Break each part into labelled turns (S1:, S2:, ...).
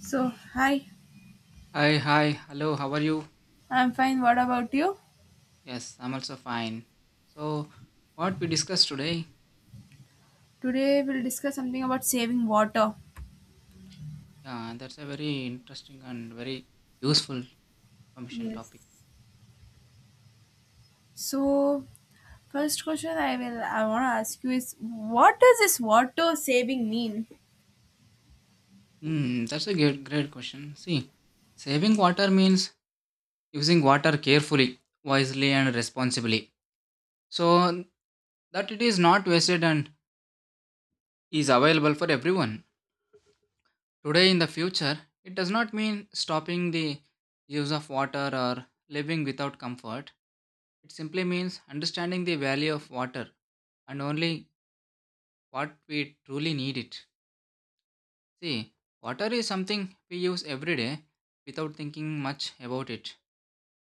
S1: So, hi,
S2: Hi, hi, hello, how are you?
S1: I'm fine. What about you?
S2: Yes, I'm also fine. So, what we discussed today,
S1: Today we'll discuss something about saving water.
S2: yeah, that's a very interesting and very useful conversation
S1: Yes.
S2: topic.
S1: So, first question I want to ask you is what does this water saving mean?
S2: That's a great question. See, saving water means using water carefully, wisely, and responsibly. So, that it is not wasted and is available for everyone. Today, in the future, it does not mean stopping the use of water or living without comfort. It simply means understanding the value of water and only what we truly need it. See, water is something we use every day without thinking much about it.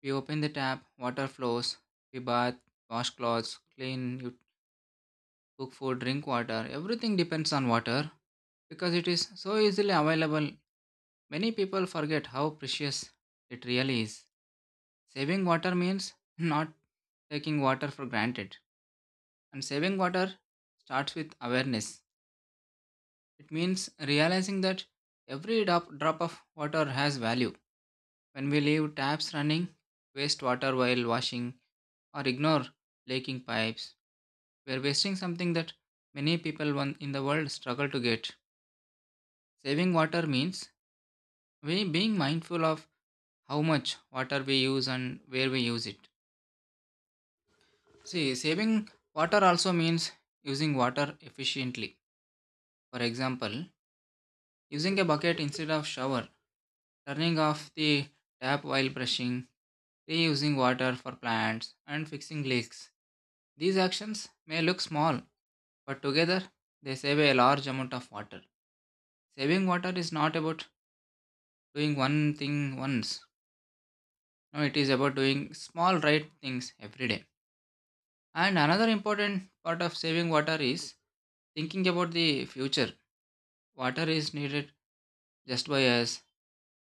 S2: We open the tap, water flows, we bath, wash clothes, clean, you cook food, drink water. Everything depends on water because it is so easily available. Many people forget how precious it really is. Saving water means not taking water for granted, and saving water starts with awareness. It means realizing that every drop of water has value. When we leave taps running, waste water while washing, or ignore leaking pipes, we are wasting something that many people in the world struggle to get. Saving water means we being mindful of how much water we use and where we use it. See, saving water also means using water efficiently. For example, using a bucket instead of shower, turning off the tap while brushing, reusing water for plants, and fixing leaks. These actions may look small, but together they save a large amount of water. Saving water is not about doing one thing once. No, it is about doing small right things every day. And another important part of saving water is thinking about the future. Water is needed just by us,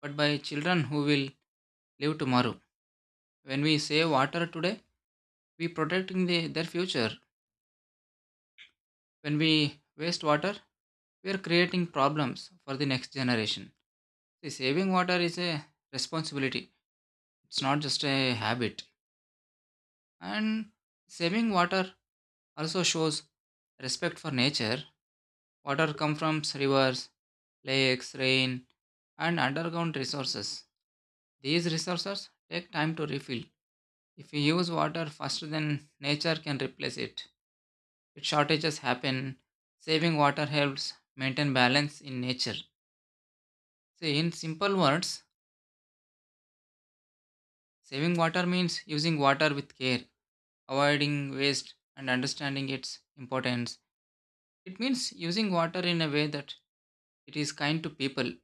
S2: but by children who will live tomorrow. When we save water today, we protecting their future. When we waste water, we are creating problems for the next generation. See, saving water is a responsibility. It's not just a habit. And saving water also shows respect for nature. Water comes from rivers, lakes, rain, and underground resources. These resources take time to refill. If we use water faster than nature can replace it, if shortages happen, saving water helps maintain balance in nature. So, in simple words, saving water means using water with care, avoiding waste, and understanding its importance. It means using water in a way that it is kind to people,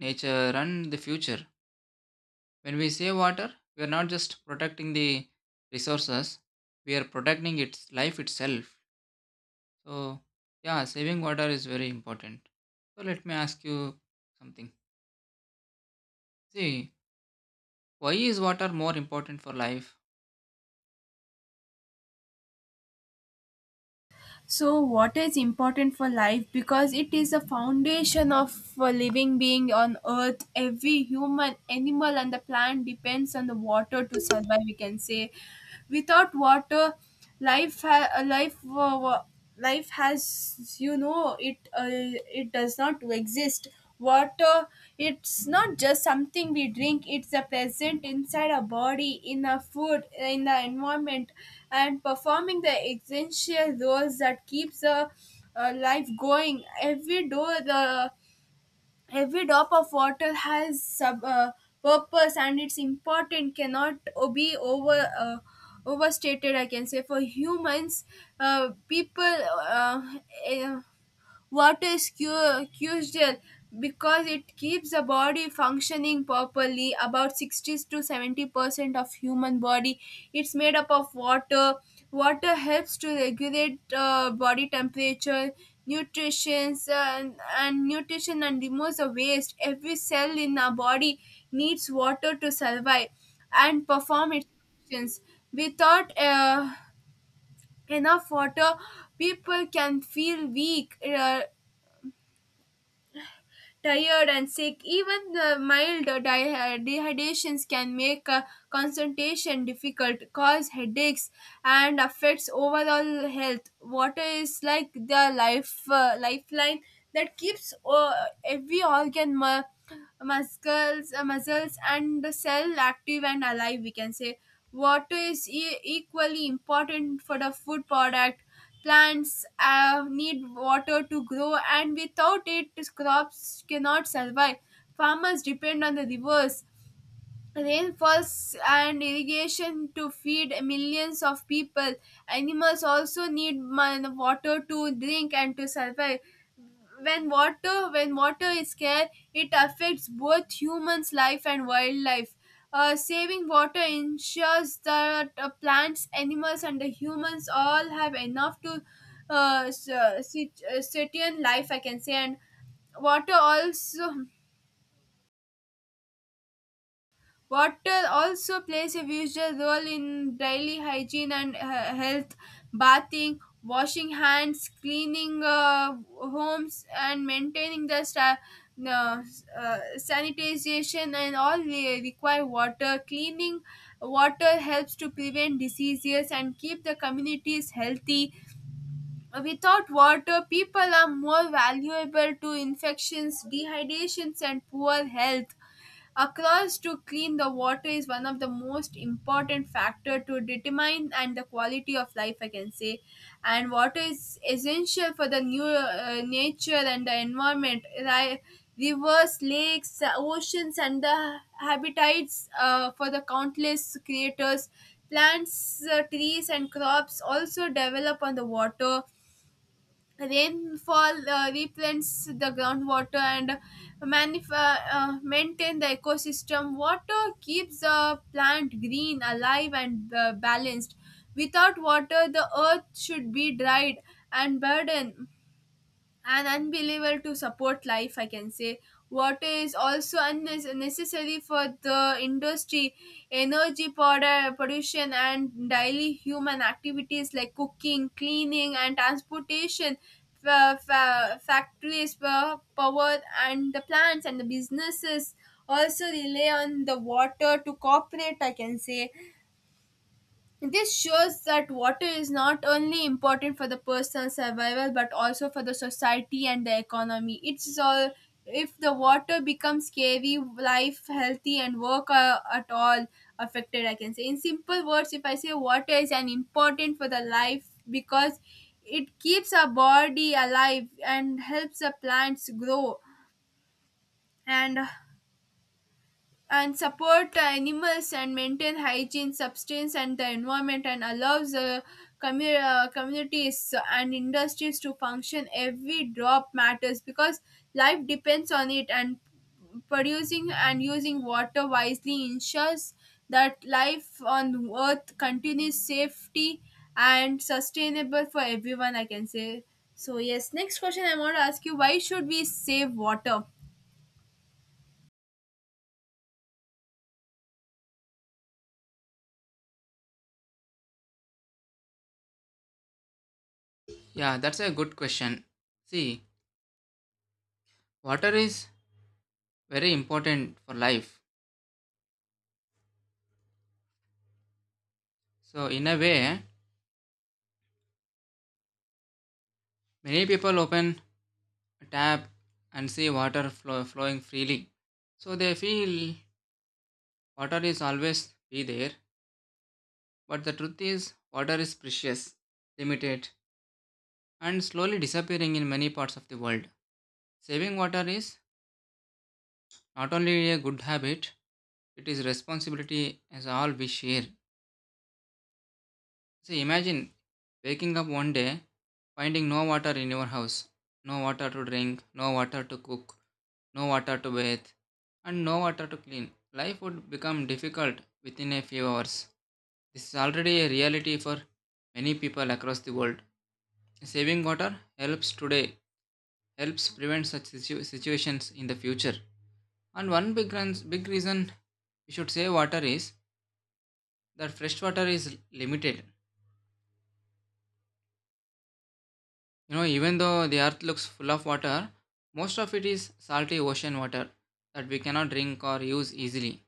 S2: nature, and the future. When we save water, we are not just protecting the resources, we are protecting its life itself. So, yeah, saving water is very important. So, let me ask you something. See, why is water more important for life?
S1: So, water is important for life because it is the foundation of a living being on earth. Every human, animal and the plant depends on the water to survive, we can say. Without water, life ha- life life has it it does not exist. Water, it's not just something we drink, it's a present inside our body, in our food, in the environment, and performing the essential roles that keeps the life going. Every door the Every drop of water has sub purpose, and it's important, cannot be overstated, I can say. For humans, people, uh, uh, water is crucial because it keeps the body functioning properly. About 60 to 70% of human body, it's made up of water. Water helps to regulate body temperature, nutrition, and nutrition, and removes the waste. Every cell in our body needs water to survive and perform its functions. Without enough water, people can feel weak, tired and sick. Even the mild dehydrations can make concentration difficult, cause headaches, and affects overall health. Water is like the lifeline that keeps every organ, muscles and cell active and alive, we can say. Water is equally important for the food product. Plants need water to grow, and without it crops cannot survive. Farmers depend on the rivers, rainfalls and irrigation to feed millions of people. Animals also need water to drink and to survive. When water when water is scarce, it affects both humans life and wildlife. Saving water ensures that plants, animals and the humans all have enough to sustain life, I can say. And water also water also plays a vital role in daily hygiene and health, bathing, washing hands, cleaning homes, and maintaining the uh, sanitization, and all require water. Cleaning water helps to prevent diseases and keep the communities healthy. Without water, people are more valuable to infections, dehydrations, and poor health. Across to clean, the water is one of the most important factor to determine and the quality of life, I can say. And water is essential for the new nature and the environment, right? Rivers, lakes, oceans and the habitats for the countless creators, plants, trees and crops also develop on the water. Rainfall replenish the groundwater and maintain the ecosystem. Water keeps the plant green, alive and balanced. Without water, the earth should be dried and burdened, an unbelievable to support life, I can say. Water is also unnecessary for the industry, energy production and daily human activities like cooking, cleaning and transportation. Factories, power and the plants and the businesses also rely on the water to cooperate, I can say. This shows that water is not only important for the personal survival but also for the society and the economy. It's all, if the water becomes scary, life, healthy, and work are at all affected. I can say, in simple words, if I say water is an important for the life because it keeps our body alive and helps the plants grow, and and support animals and maintain hygiene, substance, and the environment, and allows communities and industries to function. Every drop matters because life depends on it, and producing and using water wisely ensures that life on earth continues safety and sustainable for everyone. I can say. So yes, next question I want to ask you: why should we save water?
S2: Yeah, that's a good question. See, water is very important for life. So, in a way, many people open a tap and see water flow, flowing freely. So, they feel water is always be there. But the truth is, water is precious, limited, and slowly disappearing in many parts of the world. Saving water is not only a good habit, it is responsibility as all we share. See, imagine waking up one day finding no water in your house, no water to drink, no water to cook, no water to bathe, and no water to clean. Life would become difficult within a few hours. This is already a reality for many people across the world. Saving water helps today, helps prevent such situations in the future. And one big reason we should save water is that fresh water is limited. You know, even though the earth looks full of water, most of it is salty ocean water that we cannot drink or use easily.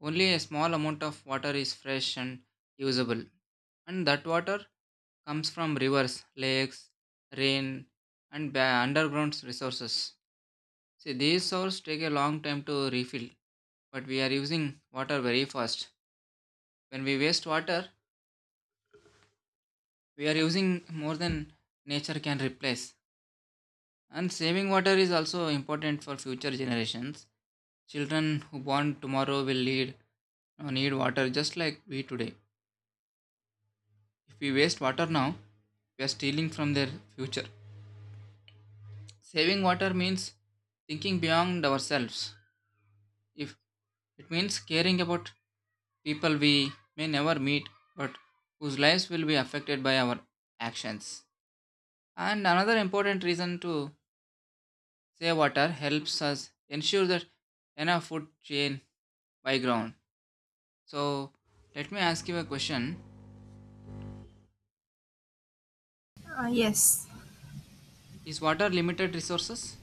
S2: Only a small amount of water is fresh and usable. And that water comes from rivers, lakes, rain, and underground resources. See, these sources take a long time to refill, but we are using water very fast. When we waste water, we are using more than nature can replace. And saving water is also important for future generations. Children who born tomorrow will need water just like we today. If we waste water now, we are stealing from their future. Saving water means thinking beyond ourselves. If it means caring about people we may never meet but whose lives will be affected by our actions. And another important reason to save water helps us ensure that enough food chain by ground. So let me ask you a question.
S1: Yes.
S2: Is water limited resources?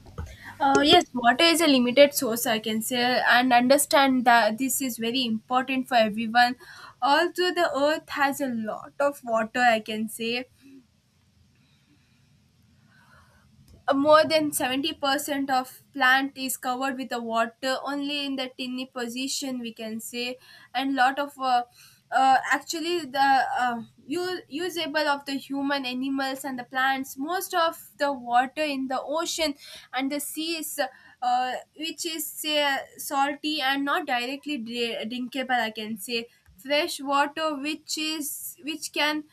S1: Yes, water is a limited source, I can say, and understand that this is very important for everyone. Although the earth has a lot of water, I can say, more than 70% of plant is covered with the water, only in the tiny position we can say. And lot of actually the usable of the human, animals and the plants, most of the water in the ocean and the seas, which is say salty and not directly drinkable, I can say. Fresh water which is which can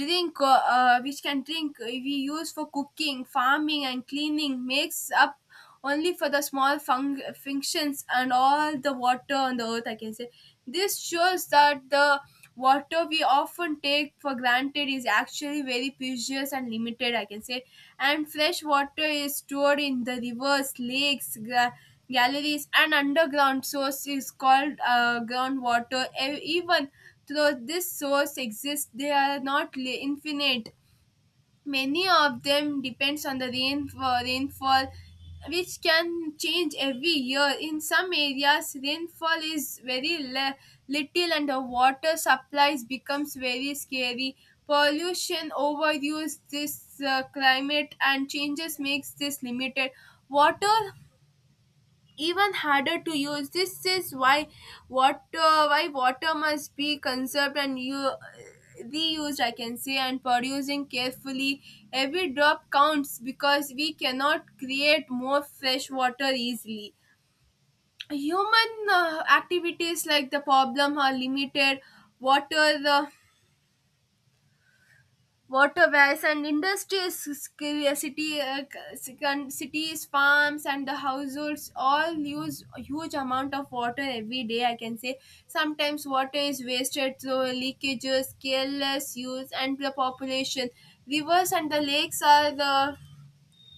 S1: drink which can drink, we use for cooking, farming and cleaning, makes up only for the small functions and all the water on the earth, I can say. This shows that the water we often take for granted is actually very precious and limited, I can say. And fresh water is stored in the rivers, lakes, galleries and underground source is called groundwater. Even though this source exists, they are not infinite. Many of them depends on the rainfall, which can change every year. In some areas, rainfall is very little, and the water supplies becomes very scary. Pollution, overuse, this climate and changes makes this limited. Water even harder to use. This is why water must be conserved and you reused, I can say, and producing carefully. Every drop counts because we cannot create more fresh water easily. Human activities like the problem are limited water, waterways and industries, city uh, cities, farms and the households all use a huge amount of water every day, I can say. Sometimes water is wasted through leakages, careless use and the population. Rivers and the lakes are the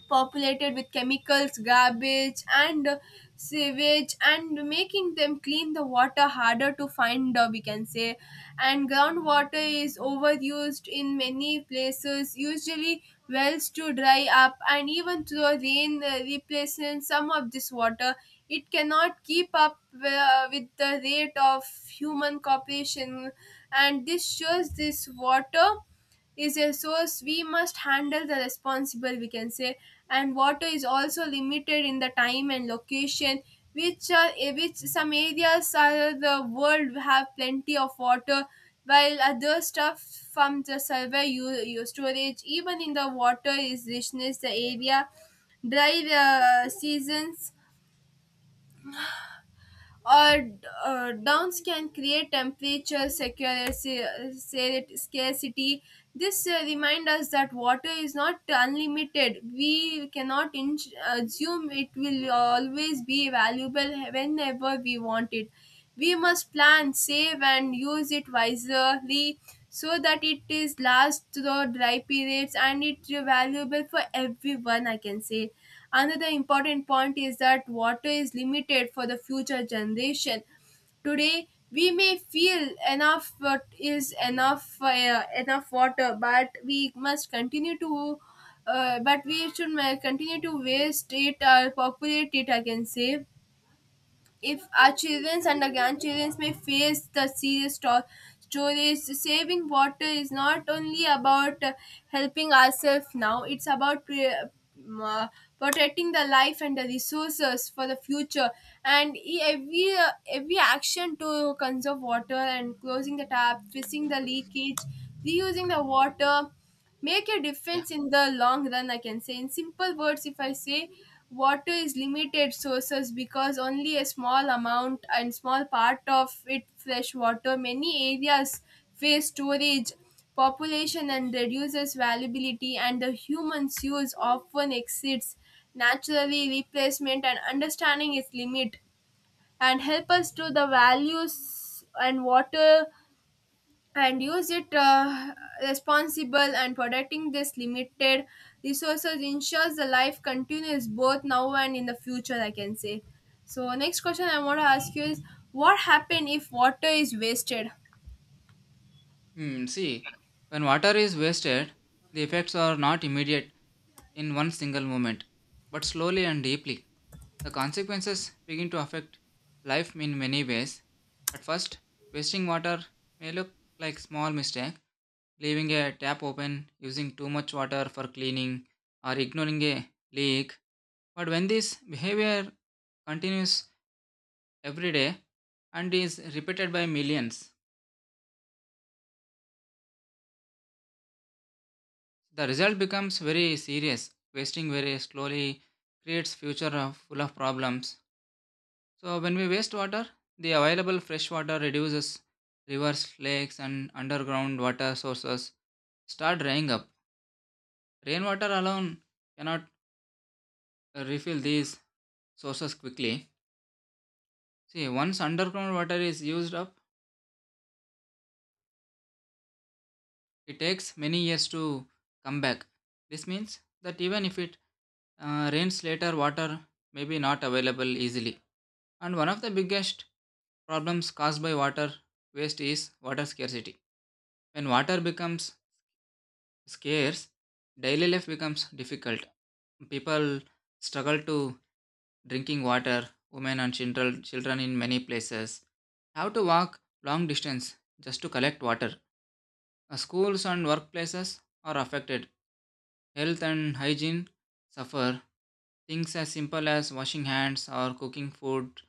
S1: populated with chemicals, garbage, and sewage, and making them clean the water harder to find, we can say. And groundwater is overused in many places, usually wells to dry up, and even though rain replaces some of this water, it cannot keep up with the rate of human cooperation, and this shows this water is a source we must handle the responsible, we can say. And water is also limited in the time and location, which are which some areas of the world have plenty of water while other stuff from the survey, you storage. Even in the water is richness the area, dry seasons or downs can create temperature secure scarcity. This remind us that water is not unlimited, we cannot assume it will always be valuable whenever we want it. We must plan, save, and use it wisely so that it is last the dry periods and it's valuable for everyone, I can say. Another important point is that water is limited for the future generation. Today we may feel enough, is enough enough water, but we must continue to, but we should ma- continue to waste it or populate it, I can say. If our children and our grandchildren may face the serious storage, saving water is not only about helping ourselves now, it's about protecting the life and the resources for the future. And every action to conserve water, and closing the tap, fixing the leakage, reusing the water make a
S2: Yeah.
S1: difference in the long run, I can say. In simple words, if I say water is limited sources because only a small amount and small part of it fresh water, many areas face storage, population and reduces valuability, and the human's use often exceeds naturally replacement. And understanding its limit and help us to the values and water and use it responsible, and protecting this limited resources ensures the life continues both now and in the future, I can say. So next question I want to ask you is what happen if water is wasted.
S2: See, when water is wasted, the effects are not immediate in one single moment, but slowly and deeply. The consequences begin to affect life in many ways. At first, wasting water may look like small mistakes leaving a tap open, using too much water for cleaning, or ignoring a leak. But when this behavior continues every day and is repeated by millions, the result becomes very serious. Wasting very slowly creates full of problems. So when we waste water, the available fresh water reduces rivers, lakes, and underground water sources start drying up. Rainwater alone cannot refill these sources quickly. See, once underground water is used up, it takes many years to come back. This means that even if it rains later, water may be not available easily. And one of the biggest problems caused by water waste is water scarcity. When water becomes scarce, daily life becomes difficult. People struggle to drinking water, women and children in many places have to walk long distance just to collect water. Schools and workplaces are affected. Health and hygiene suffer. Things as simple as washing hands or cooking food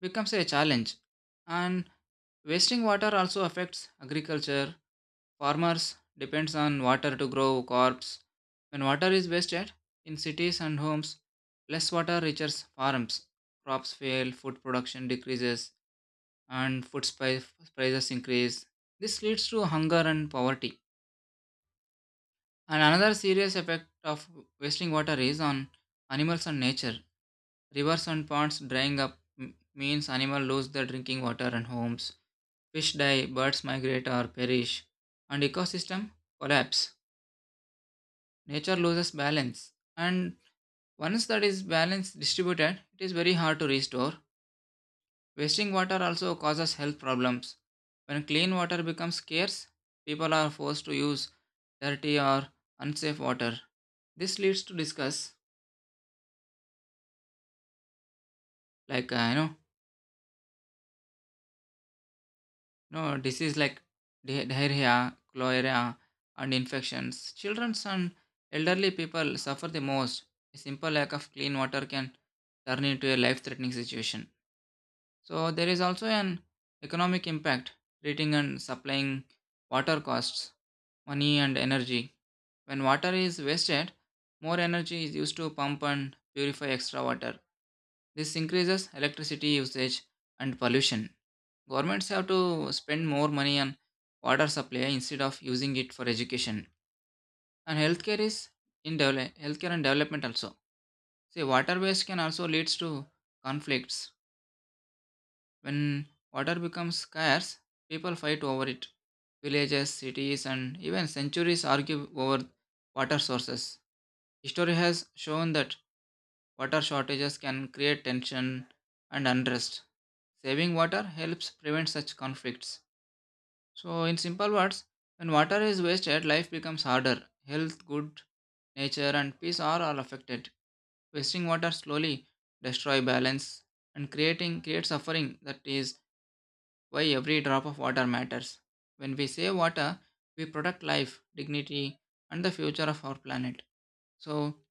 S2: becomes a challenge. And wasting water also affects agriculture. Farmers depends on water to grow crops. When water is wasted in cities and homes, less water reaches farms. Crops fail, food production decreases, and prices increase. This leads to hunger and poverty. And another serious effect of wasting water is on animals and nature. Rivers and ponds drying up means animals lose their drinking water and homes. Fish die, birds migrate or perish, and ecosystem collapse. Nature loses balance, and once that is balance distributed, it is very hard to restore. Wasting water also causes health problems. When clean water becomes scarce, people are forced to use dirty or unsafe water. This leads to discuss like no disease like diarrhea, cholera, and infections. Children and elderly people suffer the most. A simple lack of clean water can turn into a life threatening situation. So there is also an economic impact. Treating and supplying water costs money and energy. When water is wasted, more energy is used to pump and purify extra water. This increases electricity usage and pollution. Governments have to spend more money on water supply instead of using it for education. And healthcare is healthcare and development also. See, water waste can also leads to conflicts. When water becomes scarce, people fight over it. Villages, cities, and even centuries argue over water sources. History has shown that water shortages can create tension and unrest. Saving water helps prevent such conflicts. So, in simple words, when water is wasted, life becomes harder. Health, good nature, and peace are all affected. Wasting water slowly destroy balance and creating create suffering. That is why every drop of water matters. When we save water, we protect life, dignity, and the future of our planet. So,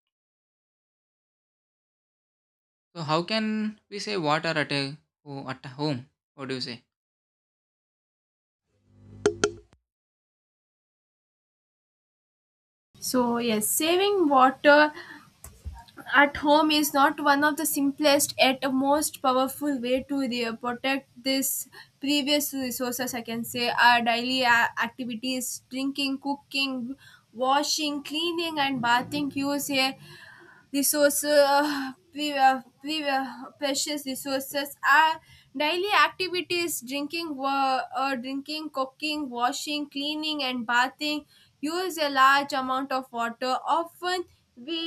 S2: so how can we save water at a at a home? What do you say?
S1: So yes, saving water at home is not one of the simplest yet most powerful way to protect this previous resources, I can say. Our daily activities, drinking, cooking, washing, cleaning and bathing use a resource uh, pre- uh, pre- uh, precious resources are daily activities, drinking, drinking, cooking, washing, cleaning and bathing use a large amount of water. Often we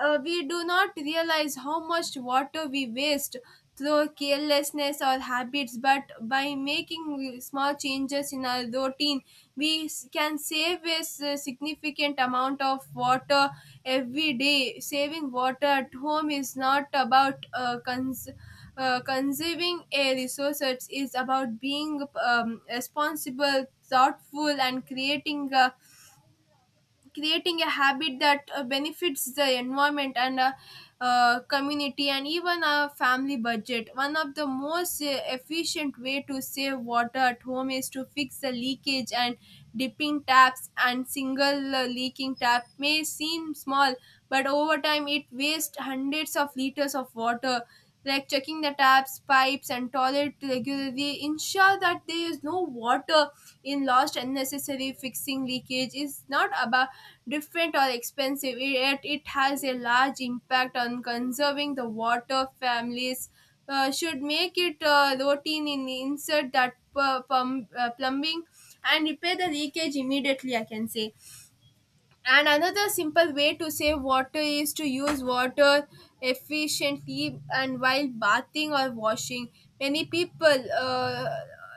S1: we do not realize how much water we waste through carelessness or habits, but by making small changes in our routine, we can save a significant amount of water every day. Saving water at home is not about conserving a resource. It is about being responsible, thoughtful, and creating a habit that benefits the environment and community and even a family budget. One of the most efficient way to save water at home is to fix the leakage and dipping taps, and single leaking tap may seem small, but over time it wastes hundreds of liters of water, like checking the taps, pipes and toilet regularly, ensure that there is no water in lost unnecessary. Fixing leakage is not about different or expensive, yet it has a large impact on conserving the water. Families should make it routine in insert that plumbing and repair the leakage immediately, I can say. And another simple way to save water is to use water efficiently and while bathing or washing. Many people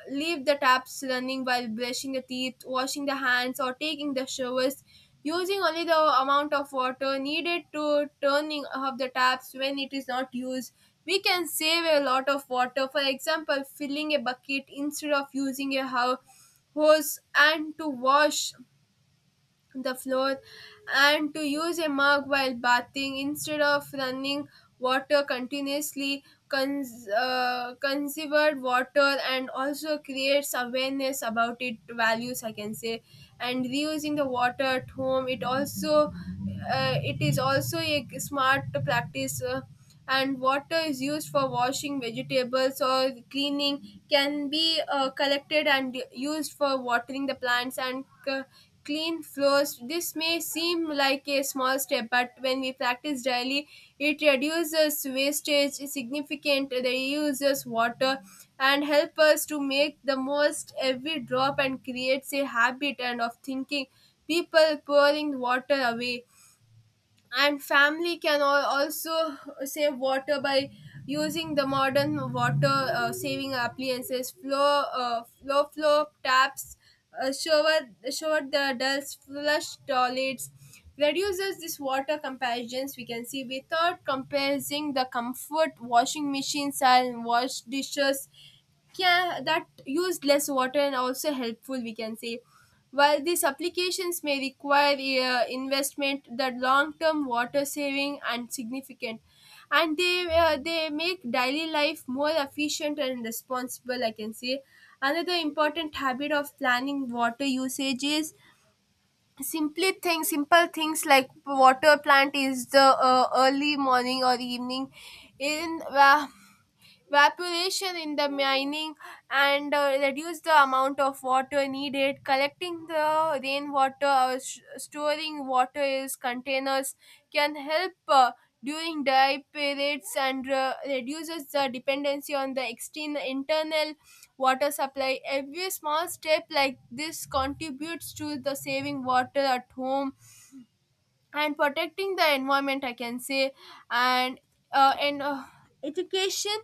S1: leave the taps running while brushing the teeth, washing the hands, or taking the showers. Using only the amount of water needed to turning off the taps when it is not used, we can save a lot of water. For example, filling a bucket instead of using a hose and to wash the floor, and to use a mug while bathing instead of running water continuously conserved water and also creates awareness about it values, I can say. And reusing the water at home, it also it is also a smart practice. And water is used for washing vegetables or cleaning can be collected and used for watering the plants and clean floors. This may seem like a small step, but when we practice daily, it reduces wastage significantly, reuses water, and help us to make the most every drop and creates a habit and of thinking people pouring water away. And family can also save water by using the modern water saving appliances, flow flow taps, uh, shower shower the adults flush toilets reduces this water comparisons. We can see without comparing the comfort, washing machines and wash dishes, yeah, that used less water and also helpful, we can say. While these applications may require investment, the long term water saving and significant, and they make daily life more efficient and responsible, I can say. Another important habit of planning water usage is simply things simple things like water plant is the early morning or evening in evaporation in the mining and reduce the amount of water needed. Collecting the rainwater or storing water in containers can help during dry periods and reduces the dependency on the external internal water supply. Every small step like this contributes to the saving water at home and protecting the environment, I can say. And uh, and uh, education.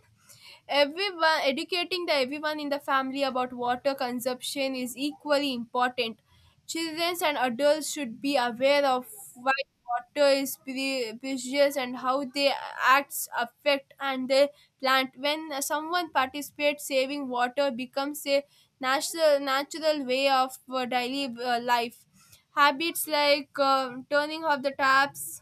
S1: Everyone educating the everyone in the family about water consumption is equally important. Children and adults should be aware of why water is precious and how their acts affect and the plant. When someone participates, saving water becomes a natural way of daily life. Habits like turning off the taps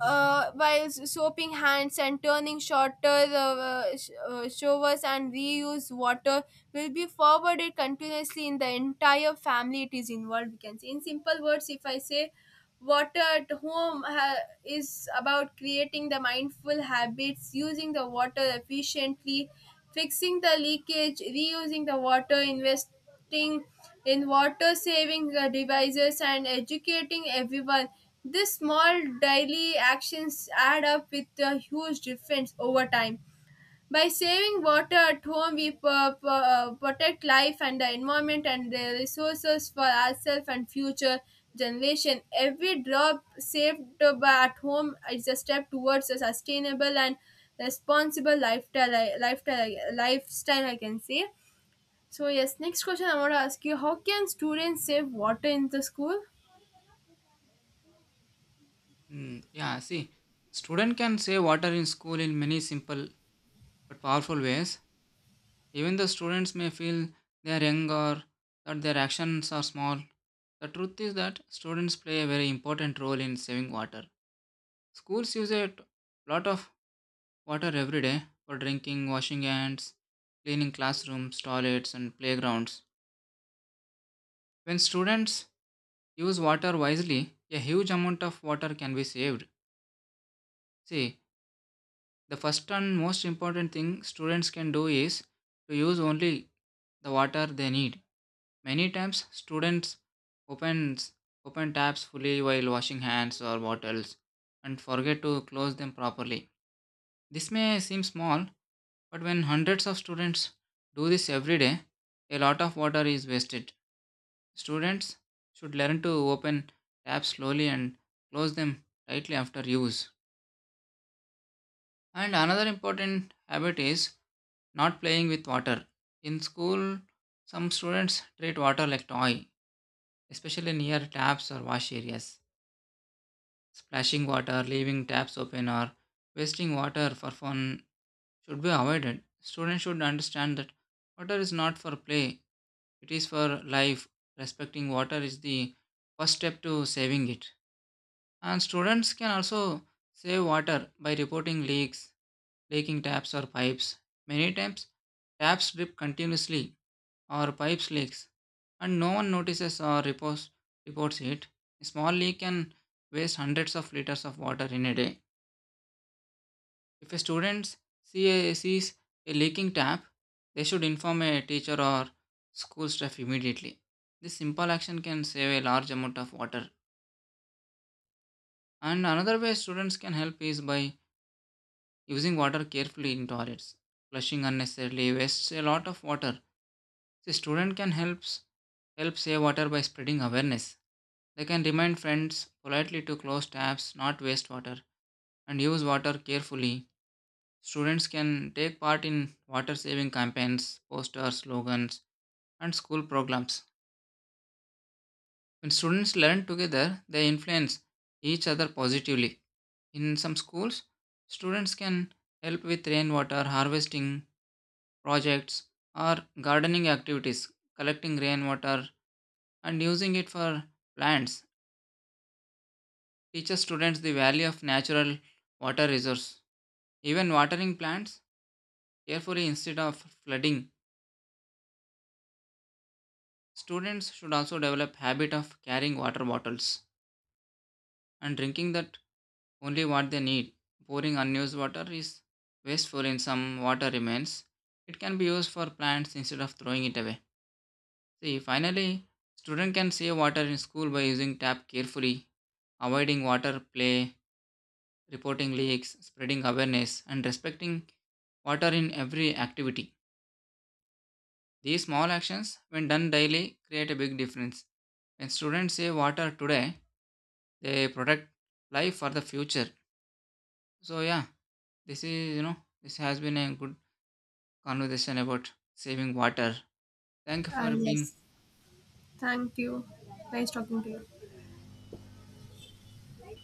S1: while soaping hands and turning shorter showers and reuse water will be forwarded continuously in the entire family, it is involved, we can say. In simple words, if I say, water at home is about creating the mindful habits, using the water efficiently, fixing the leakage, reusing the water, investing in water saving devices, and educating everyone. These small daily actions add up with a huge difference over time. By saving water at home, we protect life and the environment and the resources for ourselves and future generation. Every drop saved by at home is a step towards a sustainable and responsible lifestyle. Lifestyle, I can say. So yes, next question I want to ask you: how can students save water in the school?
S2: Yeah, see, student can save water in school in many simple but powerful ways. Even the students may feel they are young or that their actions are small. The truth is that students play a very important role in saving water. Schools use a lot of water every day for drinking, washing hands, cleaning classrooms, toilets, and playgrounds. When students use water wisely, a huge amount of water can be saved. See, the first and most important thing students can do is to use only the water they need. Many times, students opens open tabs fully while washing hands or bottles and forget to close them properly. This may seem small, but when hundreds of students do this every day, a lot of water is wasted. Students should learn to open tabs slowly and close them tightly after use. And another important habit is not playing with water. In school, some students treat water like toy, especially near taps or wash areas. Splashing water, leaving taps open, or wasting water for fun should be avoided. Students should understand that water is not for play, it is for life. Respecting water is the first step to saving it. And students can also save water by reporting leaks, leaking taps, or pipes. Many times, taps drip continuously or pipes leaks, and no one notices or reports it. A small leak can waste hundreds of liters of water in a day. If a student sees a leaking tap, they should inform a teacher or school staff immediately. This simple action can save a large amount of water. And another way students can help is by using water carefully in toilets. Flushing unnecessarily wastes a lot of water. The student can help save water by spreading awareness. They can remind friends politely to close taps, not waste water, and use water carefully. Students can take part in water saving campaigns, posters, slogans, and school programs. When students learn together, they influence each other positively. In some schools, students can help with rainwater harvesting projects or gardening activities, collecting rainwater and using it for plants. Teaches students the value of natural water resource. Even watering plants carefully instead of flooding. Students should also develop habit of carrying water bottles and drinking that only what they need. Pouring unused water is wasteful in some water remains. It can be used for plants instead of throwing it away. See, finally, student can save water in school by using tap carefully, avoiding water play, reporting leaks, spreading awareness, and respecting water in every activity. These small actions, when done daily, create a big difference. When students save water today, they protect life for the future. So yeah, this is you know this has been a good conversation about saving water. Thank you
S1: Ah,
S2: for being
S1: yes. Thank you. Nice talking to you.